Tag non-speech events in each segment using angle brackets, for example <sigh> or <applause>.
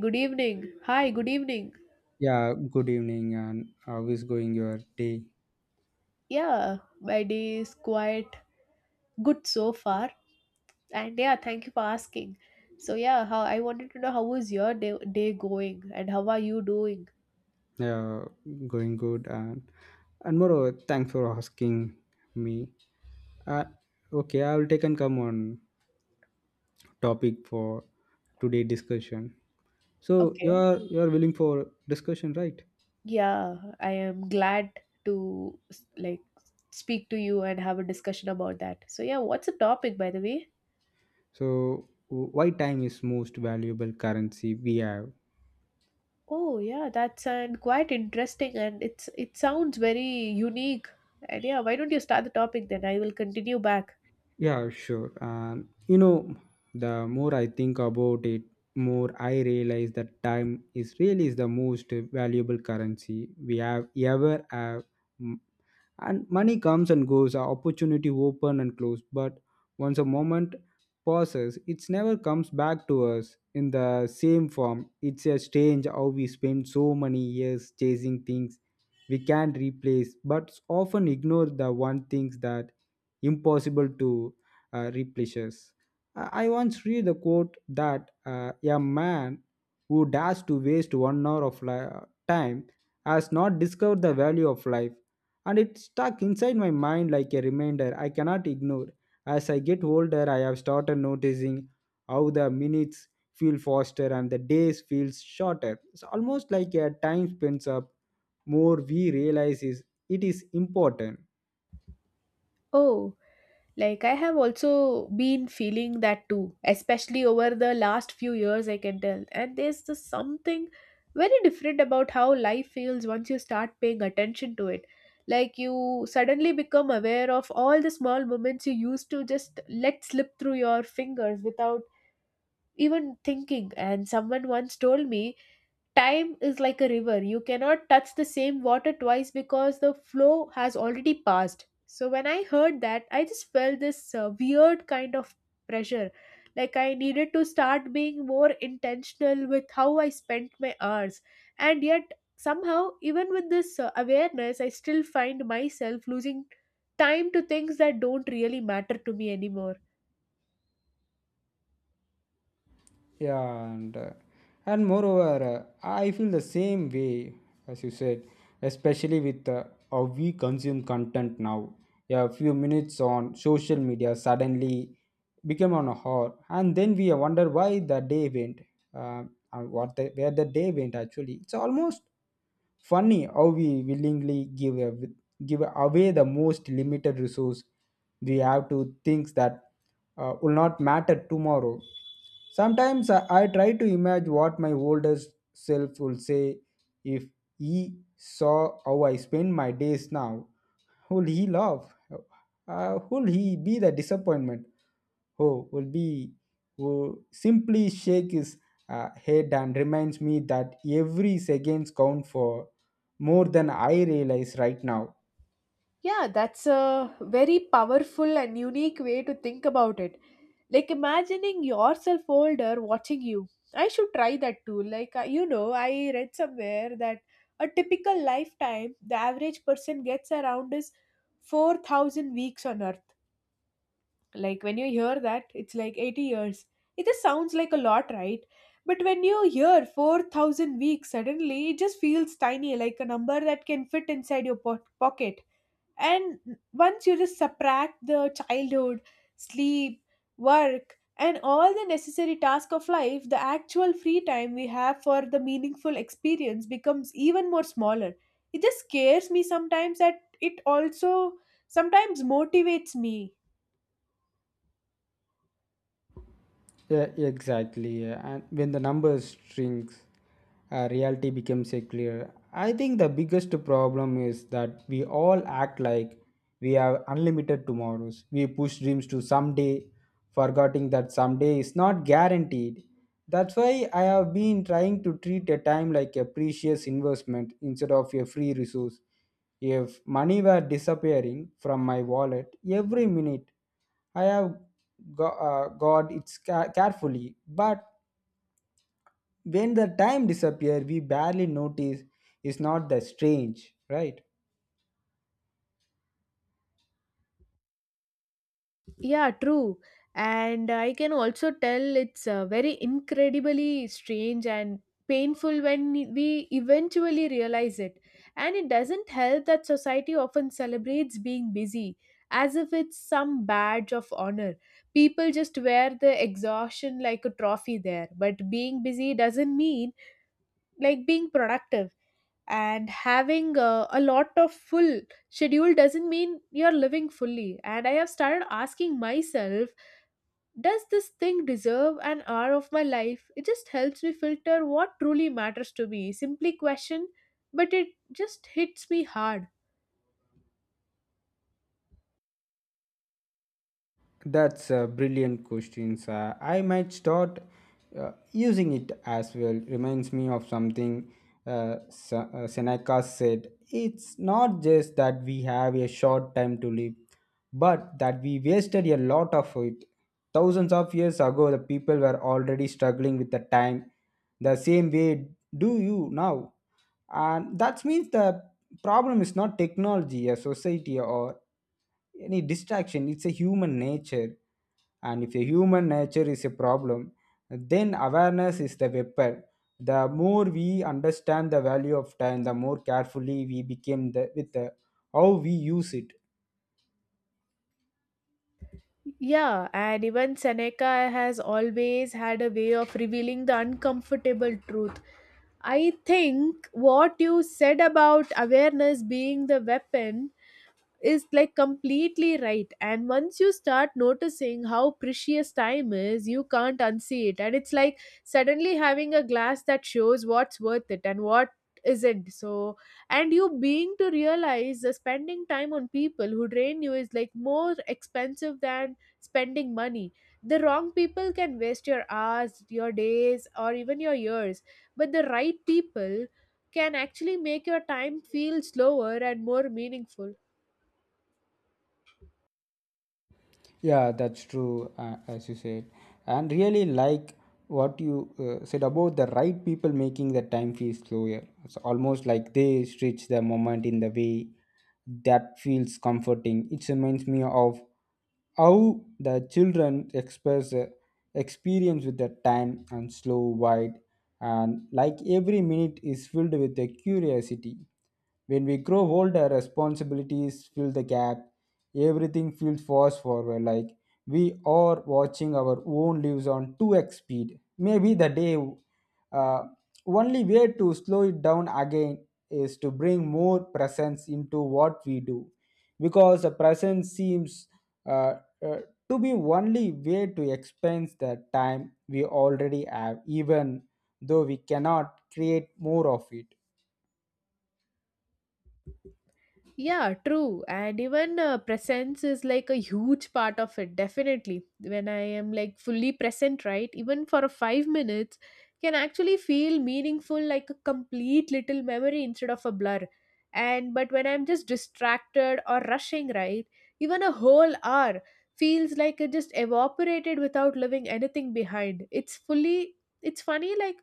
Good evening. Hi, good evening. Yeah, good evening, and how is going your day? Yeah, my day is quite good so far. And yeah, thank you for asking. So yeah, how I wanted to know how was your day going and how are you doing? Uh, Going good, and moreover, thanks for asking me. Uh, okay, I will take and come on topic for today discussion. So you Okay. are you are willing for discussion, right? Yeah, I am glad to like speak to you and have a discussion about that. So yeah, what's the topic by the way? So why time is most valuable currency we have? Oh yeah, that's and quite interesting and it sounds very unique. And yeah, why don't you start the topic then? I will continue back. Yeah, sure. And you know, the more I think about it, more I realize that time is really is the most valuable currency we have ever have, and money comes and goes, our opportunity open and close, but once a moment passes it never comes back to us in the same form. It's a strange how we spend so many years chasing things we can replace but often ignore the one things that impossible to replace us. I once read the quote that a man who dares to waste 1 hour of time has not discovered the value of life, and it stuck inside my mind like a reminder I cannot ignore. As I get older, I have started noticing how the minutes feel faster and the days feel shorter. It's almost like a time spends up more we realize is it is important. Oh, like I have also been feeling that too, especially over the last few years, I can tell. And there's just something very different about how life feels once you start paying attention to it. Like you suddenly become aware of all the small moments you used to just let slip through your fingers without even thinking. And someone once told me time is like a river. You cannot touch the same water twice because the flow has already passed. So when I heard that, I just felt this weird kind of pressure, like I needed to start being more intentional with how I spent my hours. And yet, somehow, even with this awareness, I still find myself losing time to things that don't really matter to me anymore. Yeah, and moreover, I feel the same way as you said, especially with how we consume content now. Yeah, a few minutes on social media suddenly become on a hour, and then we wonder why the day went, uh, and where the day went. Actually, it's almost funny how we willingly give away the most limited resource we have to things that will not matter tomorrow. Sometimes I try to imagine what my older self will say if he saw how I spend my days now. Will he laugh? Will he be the disappointment? Oh, will simply shake his head and reminds me that every seconds count for more than I realize right now. Yeah, that's a very powerful and unique way to think about it, like imagining yourself older watching you. I should try that too. Like you know, I read somewhere that a typical lifetime, the average person gets around is 4,000 weeks on earth. Like when you hear that, it's like 80 years, it just sounds like a lot, right? But when you hear 4,000 weeks, suddenly it just feels tiny, like a number that can fit inside your pocket. And once you just subtract the childhood, sleep, work, and all the necessary tasks of life, the actual free time we have for the meaningful experience becomes even more smaller. It just scares me sometimes. That it also sometimes motivates me. Yeah, exactly. Yeah. And when the numbers shrinks, reality becomes a clear. I think the biggest problem is that we all act like we have unlimited tomorrows. We push dreams to someday, forgetting that someday is not guaranteed. That's why I have been trying to treat a time like a precious investment instead of a free resource. If money were disappearing from my wallet every minute, I have guard it carefully, but when the time disappear we barely notice. Is not that strange, right? Yeah, true. And I can also tell it's very incredibly strange and painful when we eventually realize it. And it doesn't help that society often celebrates being busy as if it's some badge of honor. People just wear the exhaustion like a trophy there, but being busy doesn't mean like being productive. And having a lot of full schedule doesn't mean you're living fully. And I have started asking myself, does this thing deserve an hour of my life? It just helps me filter what truly matters to me. Simply question, but it just hits me hard. That's a brilliant questions. I might start using it as well. Reminds me of something uh, Seneca said. It's not just that we have a short time to live, but that we wasted a lot of it. Thousands of years ago, the people were already struggling with the time the same way do you now. And that means the problem is not technology, a society, or any distraction, it's a human nature. And if the human nature is a problem, then awareness is the weapon. The more we understand the value of time, the more carefully we become how we use it. Yeah, and even Seneca has always had a way of revealing the uncomfortable truth. I think what you said about awareness being the weapon is like completely right. And once you start noticing how precious time is, you can't unsee it. And it's like suddenly having a glass that shows what's worth it and what isn't. So and you being to realize that spending time on people who drain you is like more expensive than spending money. The wrong people can waste your hours, your days, or even your years. But the right people can actually make your time feel slower and more meaningful. Yeah, that's true, as you said. And really, like what you said about the right people making the time feel slower. It's almost like they stretch the moment in the way that feels comforting. It reminds me of how the children express experience with the time and slow wide, and like every minute is filled with the curiosity. When we grow older, responsibilities fill the gap. Everything feels fast forward, like we are watching our own lives on 2x speed. Maybe the day, uh, only way to slow it down again is to bring more presence into what we do, because the presence seems uh, uh, to be only way to expense the time we already have, even though we cannot create more of it. Yeah, true. And even presence is like a huge part of it, definitely. When I am like fully present, right, even for a 5 minutes, can actually feel meaningful, like a complete little memory instead of a blur. And but when I'm just distracted or rushing, right, even a whole hour feels like it just evaporated without leaving anything behind. It's fully, it's funny, like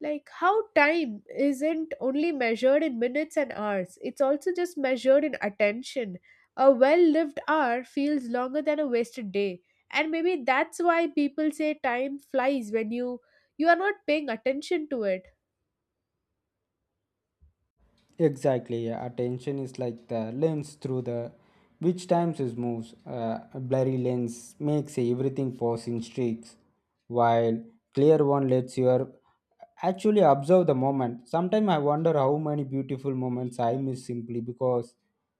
like how time isn't only measured in minutes and hours, it's also just measured in attention. A well lived hour feels longer than a wasted day. And maybe that's why people say time flies when you are not paying attention to it. Exactly, yeah. Attention is like the lens through the which times it moves. A blurry lens makes everything pause in streaks, while clear one lets you actually observe the moment. Sometimes I wonder how many beautiful moments I miss simply because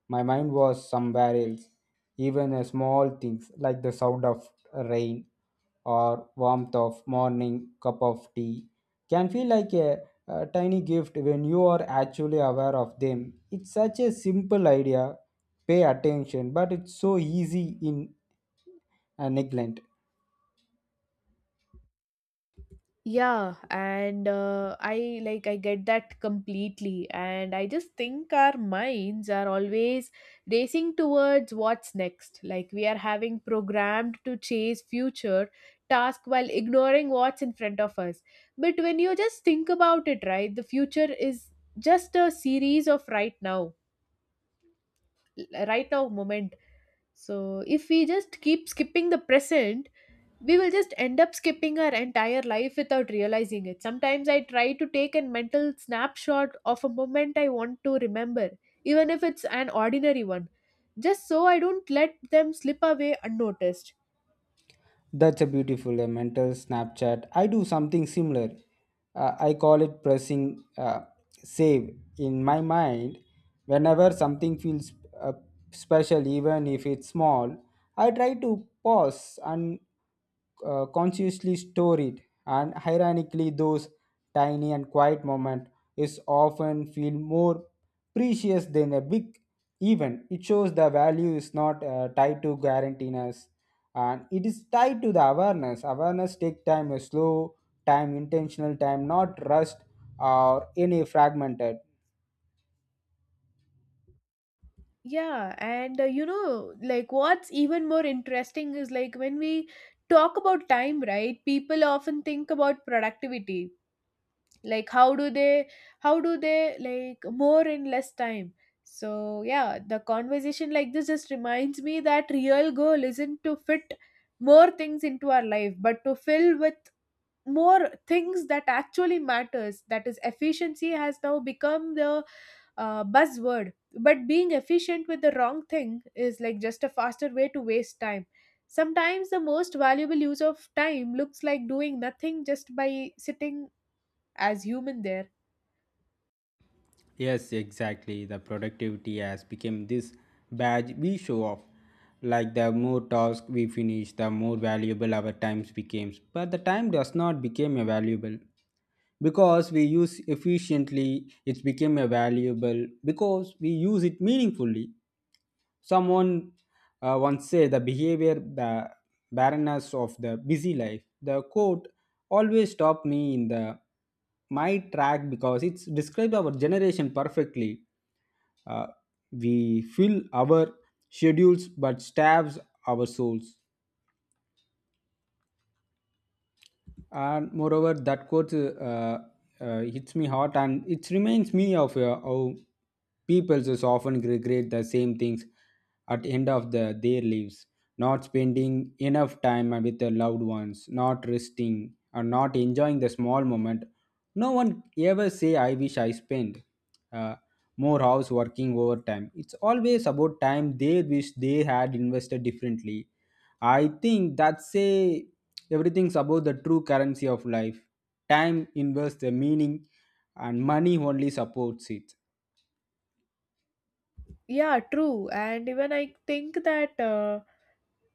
my mind was somewhere else. Even a small things like the sound of rain or warmth of morning cup of tea can feel like a tiny gift when you are actually aware of them. It's such a simple idea, pay attention, but it's so easy in neglect. Yeah, and I like I get that completely, and I just think our minds are always racing towards what's next. Like we are having programmed to chase future task while ignoring what's in front of us. But when you just think about it, right, the future is just a series of right now, right now moment. So if we just keep skipping the present, we will just end up skipping our entire life without realizing it. Sometimes I try to take a mental snapshot of a moment I want to remember, even if it's an ordinary one, just so I don't let them slip away unnoticed. That's a beautiful a mental Snapchat. I do something similar. I call it pressing save in my mind. Whenever something feels uh, special, even if it's small, I try to pause and consciously store it. And ironically, those tiny and quiet moment is often feel more precious than a big event. It shows the value is not tied to guarantees and it is tied to the awareness. Awareness take time, a slow time, intentional time, not rust or any fragmented. Yeah, and you know, like what's even more interesting is like when we talk about time, right? People often think about productivity, like how do they like more in less time. So yeah, the conversation like this just reminds me that real goal isn't to fit more things into our life, but to fill with more things that actually matters. That is efficiency has now become the buzzword. But being efficient with the wrong thing is like just a faster way to waste time. Sometimes the most valuable use of time looks like doing nothing, just by sitting as human there. Yes, exactly. The productivity has become this badge we show off. Like the more tasks we finish, the more valuable our times becomes. But the time does not become a valuable because we use efficiently. It's became a valuable because we use it meaningfully. Someone once said the behavior, the barrenness of the busy life. The quote always stopped me in the my track because it's described our generation perfectly. Uh, we fill our schedules but stabs our souls. And moreover, that quote hits me hard, and it reminds me of how people just often regret the same things at the end of their lives, not spending enough time with their loved ones, not resting or not enjoying the small moment. No one ever say I wish I spent uh, more hours working overtime. It's always about time they wish they had invested differently. I think that's a everything's about the true currency of life. Time invests the meaning, and money only supports it. Yeah, true. And even I think that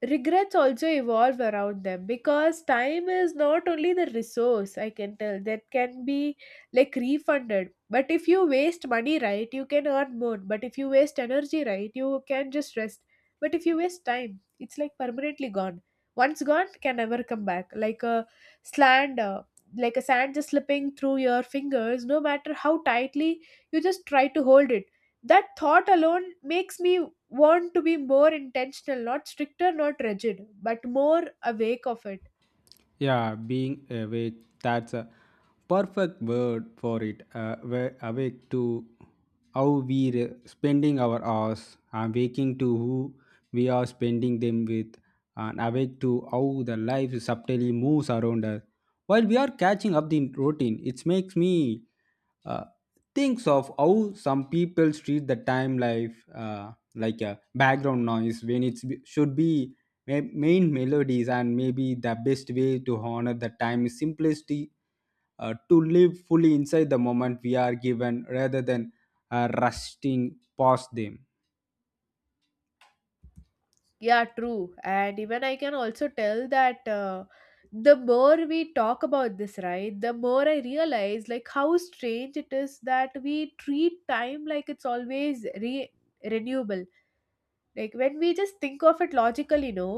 regrets also evolve around them, because time is not only the resource, I can tell, that can be like refunded. But if you waste money, right, you can earn more. But if you waste energy, right, you can just rest. But if you waste time, it's like permanently gone. Once gone, can never come back. Like a sand, uh, sand just slipping through your fingers, no matter how tightly you just try to hold it. That thought alone makes me want to be more intentional, not stricter, not rigid, but more awake of it. Yeah, being awake, that's a perfect word for it. We're awake to how we're spending our hours, and waking to who we are spending them with, and awake to how the life subtly moves around us. While we are catching up the routine, it makes me uh, thinks of how some people treat the time life like a background noise when it should be main melodies. And maybe the best way to honor the time is simplicity, to live fully inside the moment we are given rather than rusting past them. Yeah, true. And even I can also tell that the more we talk about this, right, the more I realize like how strange it is that we treat time like it's always renewable. Like when we just think of it logically, no,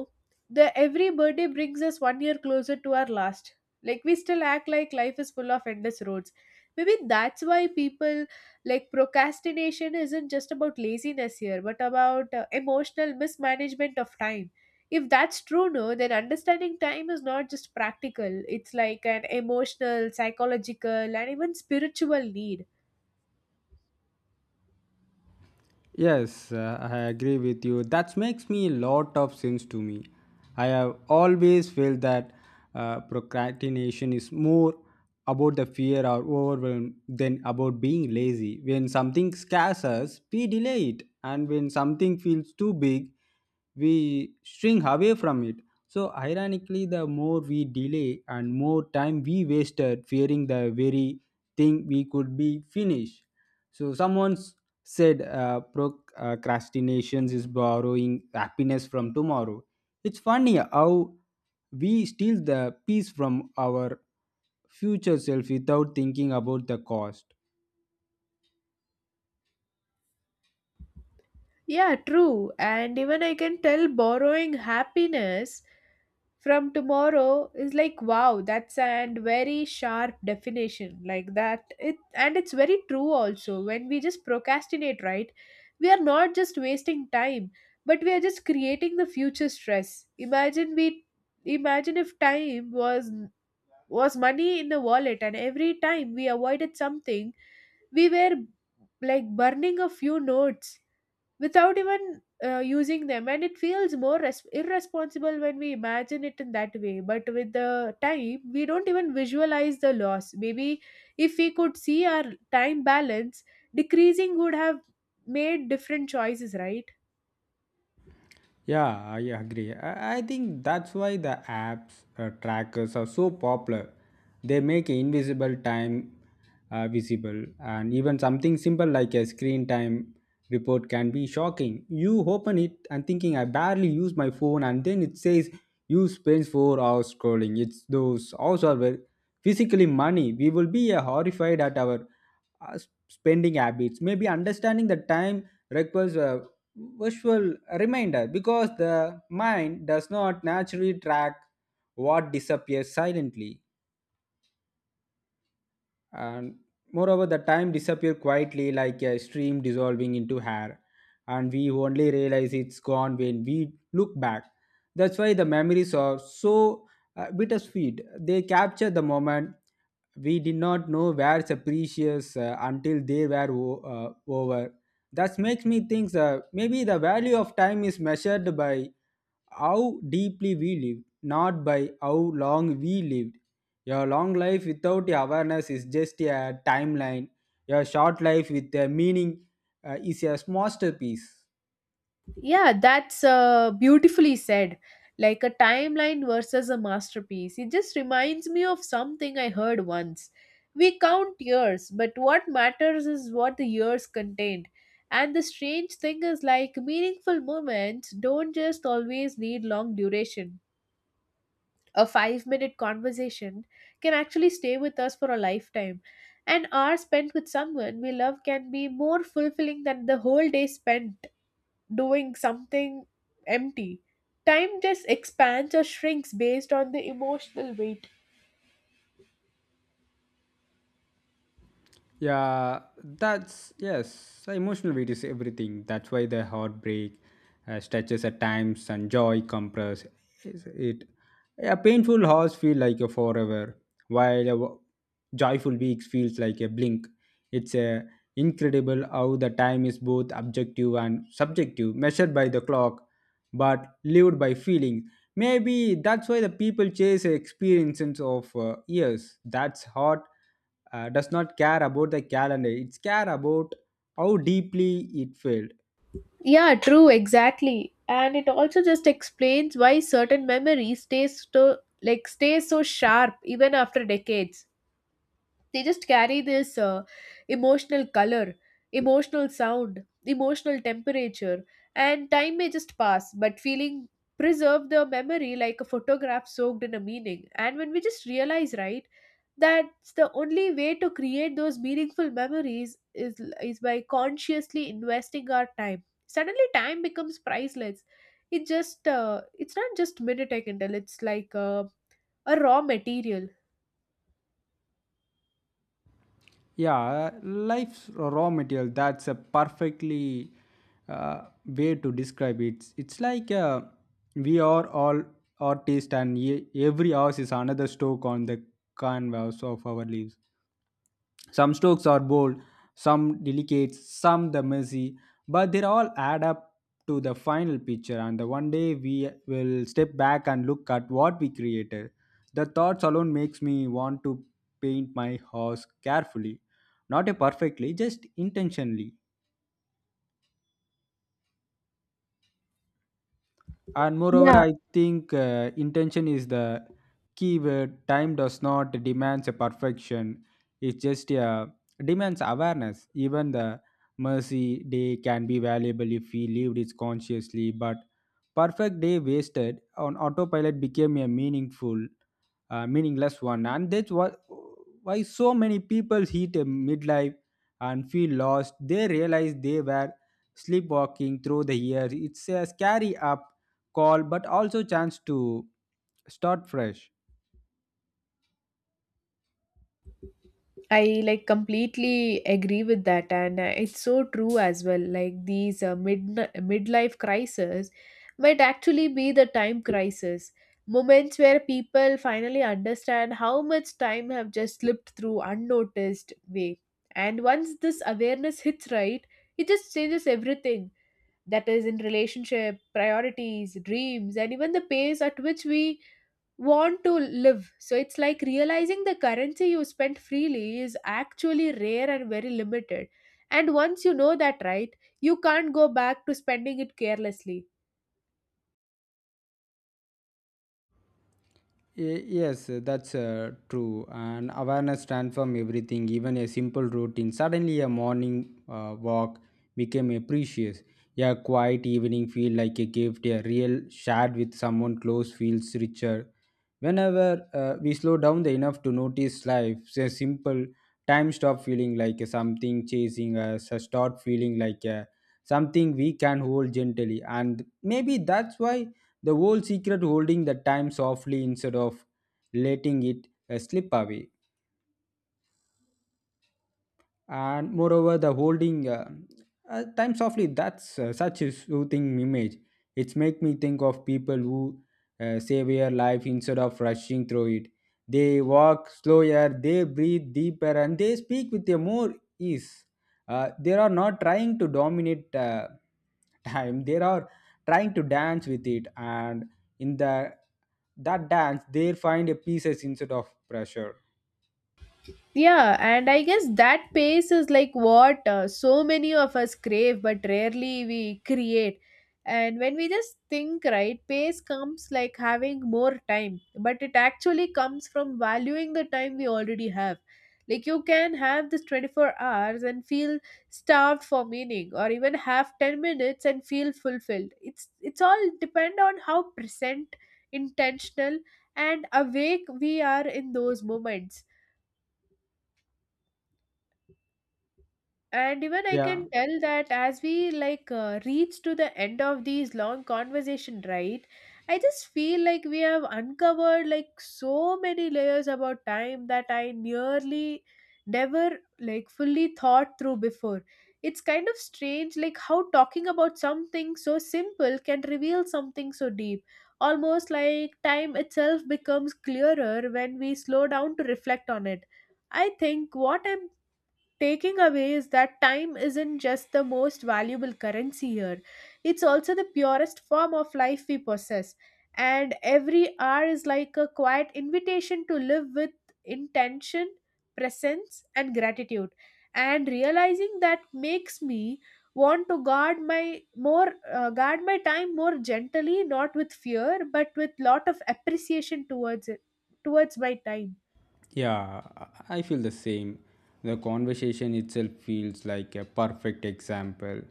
the every birthday brings us 1 year closer to our last. Like we still act like life is full of endless roads. Maybe that's why people like procrastination isn't just about laziness here, but about emotional mismanagement of time. If that's true, no, then understanding time is not just practical. It's like an emotional, psychological, and even spiritual need. Yes, I agree with you, that makes me a lot of sense to me. I have always felt that procrastination is more about the fear or overwhelm than about being lazy. When something scares us we delay it, and when something feels too big we shrink away from it. So, ironically, the more we delay and more time we wasted fearing the very thing we could be finished. So, someone said procrastination is borrowing happiness from tomorrow. It's funny how we steal the peace from our future self without thinking about the cost. Yeah, true. And even I can tell borrowing happiness from tomorrow is like wow, that's and very sharp definition like that. It and it's very true also. When we just procrastinate, right? We are not just wasting time, but we are just creating the future stress. Imagine if time was money in the wallet, and every time we avoided something, we were like burning a few notes without even using them. And it feels more irresponsible when we imagine it in that way. But with the time, we don't even visualize the loss. Maybe if we could see our time balance decreasing, would have made different choices, right? Yeah, I agree. I think that's why the apps trackers are so popular. They make invisible time visible, and even something simple like a screen time report can be shocking. You open it and thinking, I barely use my phone, and then it says you spend 4 hours scrolling. It's those hours are well, physically money. We will be horrified at our spending habits. Maybe understanding the time requires a visual reminder because the mind does not naturally track what disappears silently. And moreover, the time disappear quietly like a stream dissolving into hair, and we only realize it's gone when we look back. That's why the memories are so bittersweet. They capture the moment we did not know where the precious until they were over. That makes me think, maybe the value of time is measured by how deeply we live, not by how long we lived. Your long life without awareness is just a timeline. Your short life with a meaning is a masterpiece. Yeah, that's beautifully said. Like a timeline versus a masterpiece. It just reminds me of something I heard once. We count years, but what matters is what the years contained. And the strange thing is, like, meaningful moments don't just always need long duration. A 5 minute conversation can actually stay with us for a lifetime. An hour spent with someone we love can be more fulfilling than the whole day spent doing something empty. Time just expands or shrinks based on the emotional weight. Yeah, that's yes. Emotional weight is everything. That's why the heartbreak stretches at times and joy compress is it. A painful horse feel like a forever, while a joyful weeks feels like a blink. It's a incredible how the time is both objective and subjective, measured by the clock, but lived by feelings. Maybe that's why the people chase experiences of years. That's hot does not care about the calendar. It's care about how deeply it failed. Yeah, true, exactly. And it also just explains why certain memories stays so stays so sharp even after decades. They just carry this emotional color, emotional sound, emotional temperature, and time may just pass, but feeling preserve the memory like a photograph soaked in a meaning. And when we just realize, right? That's the only way to create those meaningful memories is by consciously investing our time. Suddenly time becomes priceless. It just it's not just minute, I can tell. It's like a raw material. Yeah, life's raw material. That's a perfectly way to describe it. It's like we are all artists, and every house is another stroke on the canvas of our lives. Some strokes are bold, some delicate, some the messy, but they all add up to the final picture. And the one day we will step back and look at what we created. The thoughts alone makes me want to paint my house carefully, not a perfectly, just intentionally. And moreover I think intention is the key word. Time does not demands a perfection, it just demands awareness. Even the mercy day can be valuable if we lived it consciously, but perfect day wasted on autopilot became a meaningful meaningless one. And that's why so many people hit a midlife and feel lost. They realize they were sleepwalking through the years. It's a scary up call, but also chance to start fresh. I like completely agree with that, and it's so true as well. Like these midlife crises might actually be the time crisis moments where people finally understand how much time have just slipped through unnoticed way. And once this awareness hits, right, it just changes everything. That is in relationship, priorities, dreams, and even the pace at which we want to live. So it's like realizing the currency you spend freely is actually rare and very limited. And once you know that, right, you can't go back to spending it carelessly. Yes, that's true. And awareness transforms everything. Even a simple routine, suddenly a morning walk became a precious. A quiet evening feel like a gift. A real chat with someone close feels richer. Whenever we slow down the enough to notice life, a simple time stop feeling like something chasing us, a start feeling like a, something we can hold gently. And maybe that's why the whole secret holding the time softly instead of letting it slip away. And moreover the holding time softly, that's such a soothing image. It's make me think of people who save their life instead of rushing through it. They walk slower, they breathe deeper, and they speak with a more ease. They are not trying to dominate <laughs> time. They are trying to dance with it, and in the that dance they find a pieces instead of pressure. Yeah, and I guess that pace is like what so many of us crave, but rarely we create. And when we just think, right, pace comes like having more time, but it actually comes from valuing the time we already have. Like you can have this 24 hours and feel starved for meaning, or even have 10 minutes and feel fulfilled. It's all depend on how present, intentional, and awake we are in those moments. And even I can Yeah. tell that as we like reach to the end of these long conversation, right, I just feel like we have uncovered like so many layers about time that I nearly never like fully thought through before. It's kind of strange like how talking about something so simple can reveal something so deep, almost like time itself becomes clearer when we slow down to reflect on it. I think what I'm taking away is that time isn't just the most valuable currency here, it's also the purest form of life we possess. And every hour is like a quiet invitation to live with intention, presence, and gratitude. And realizing that makes me want to guard my more guard my time more gently, not with fear but with lot of appreciation towards it, towards my time. Yeah, I feel the same. The conversation itself feels like a perfect example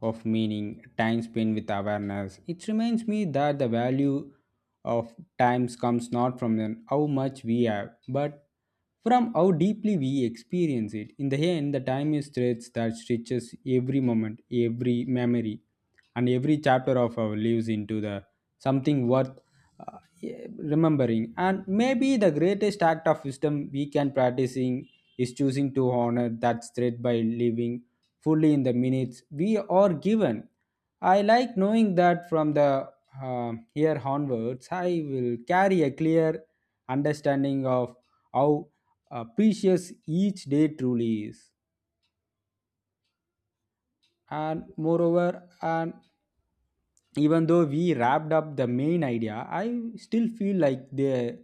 of meaning, time spent with awareness. It reminds me that the value of times comes not from the, how much we have, but from how deeply we experience it. In the end, the time is threads that stretches every moment, every memory, and every chapter of our lives into the something worth yeah, remembering. And maybe the greatest act of wisdom we can practicing is choosing to honor that thread by living fully in the minutes we are given. I like knowing that from the here onwards I will carry a clear understanding of how precious each day truly is. And moreover, and even though we wrapped up the main idea, I still feel like there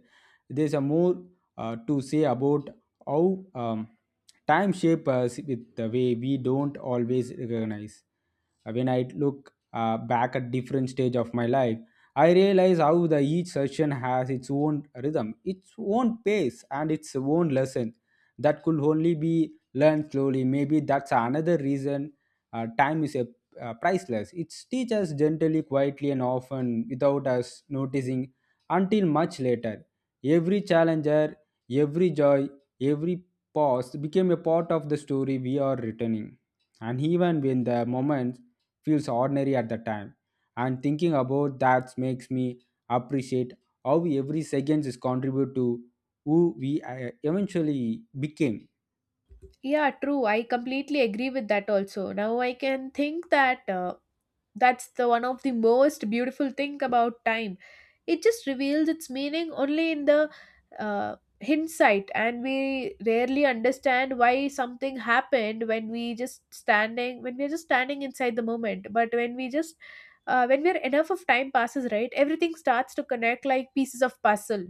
there's a more to say about how time shape us with the way we don't always recognize. When I look back at different stage of my life, I realize how the each session has its own rhythm, its own pace, and its own lesson that could only be learned slowly. Maybe that's another reason time is a priceless. It teaches gently, quietly, and often without us noticing until much later. Every challenger, every joy, every pause became a part of the story we are returning. And even when the moment feels ordinary at the time, and thinking about that makes me appreciate how every second is contribute to who we eventually became. Yeah, true. I completely agree with that also. Now I can think that that's the one of the most beautiful thing about time. It just reveals its meaning only in the uh, hindsight, and we rarely understand why something happened when we're just standing inside the moment. But when we're enough of time passes, right, everything starts to connect like pieces of puzzle,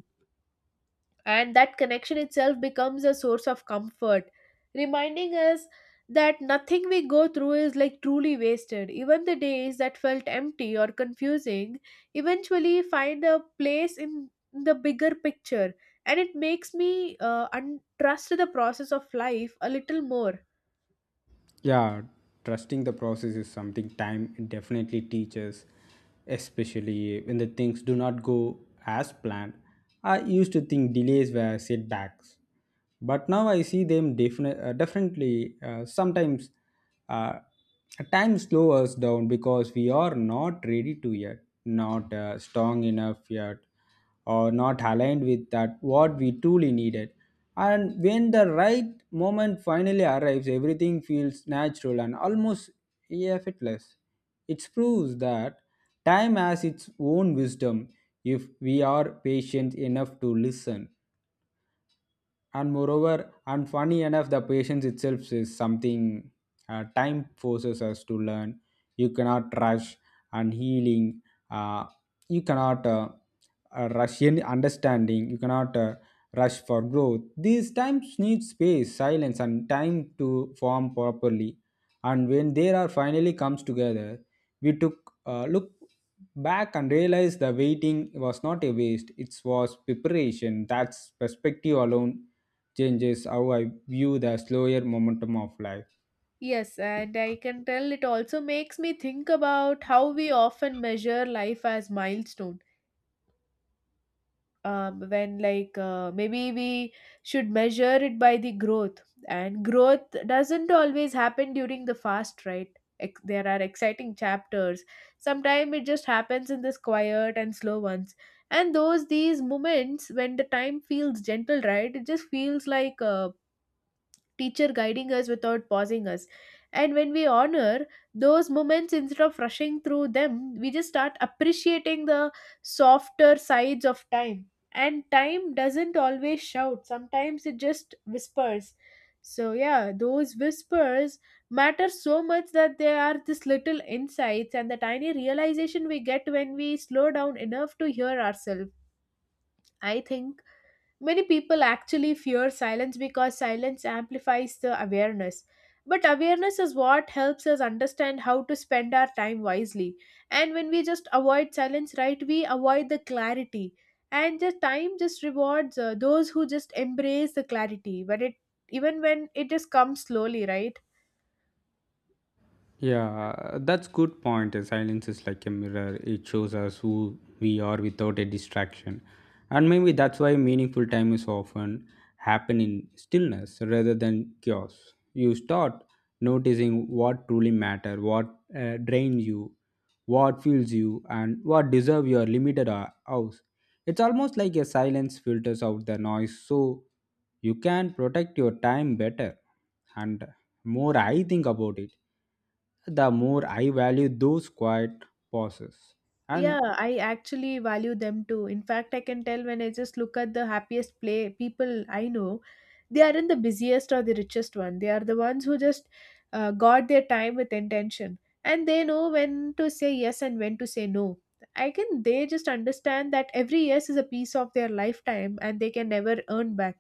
and that connection itself becomes a source of comfort, reminding us that nothing we go through is like truly wasted. Even the days that felt empty or confusing eventually find a place in the bigger picture, and it makes me trust the process of life a little more. Yeah, trusting the process is something time definitely teaches, especially when the things do not go as planned. I used to think delays were setbacks, but now I see them definitely sometimes uh, time slows us down because we are not ready to yet, not strong enough yet, or not aligned with that what we truly needed. And when the right moment finally arrives, everything feels natural and almost effortless. It proves that time has its own wisdom if we are patient enough to listen. And moreover, and funny enough, the patience itself is something time forces us to learn. You cannot rush and healing, uh, you cannot rush any understanding, you cannot rush for growth. These times need space, silence, and time to form properly. And when they are finally comes together, we took look back and realized the waiting was not a waste, it was preparation. That's perspective alone changes how I view the slower momentum of life. Yes, and I can tell it also makes me think about how we often measure life as milestones, when maybe we should measure it by the growth. And growth doesn't always happen during the fast, right? There are exciting chapters, sometimes it just happens in this quiet and slow ones. And those these moments when the time feels gentle, right, it just feels like teacher guiding us without pausing us. And when we honor those moments instead of rushing through them, we just start appreciating the softer sides of time. And time doesn't always shout, sometimes it just whispers. So, yeah, those whispers matter so much that they are this little insights and the tiny realization we get when we slow down enough to hear ourselves. I think many people actually fear silence because silence amplifies the awareness. But awareness is what helps us understand how to spend our time wisely. And when we just avoid silence, right, we avoid the clarity. And the time just rewards those who just embrace the clarity, but it, even when it just comes slowly, right? Yeah, that's good point. Silence is like a mirror. It shows us who we are without a distraction. And maybe that's why meaningful time is often happen in stillness rather than chaos. You start noticing what truly matter, what drains you, what fuels you, and what deserve your limited hours. It's almost like a silence filters out the noise so you can protect your time better. And more I think about it, the more I value those quiet pauses. Yeah, And I actually value them too. In fact, I can tell when I just look at the happiest play people I know, they aren't the busiest or the richest one. They are the ones who just guard their time with intention, and they know when to say yes and when to say no. I can, they just understand that every yes is a piece of their lifetime and they can never earn back.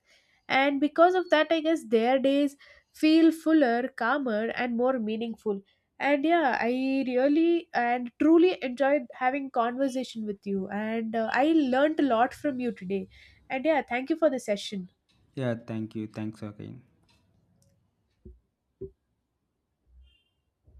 And because of that, I guess their days feel fuller, calmer, and more meaningful. And yeah, I really and truly enjoyed having conversation with you, and I learned a lot from you today. And yeah, thank you for the session. yeah, thank you. Thanks again.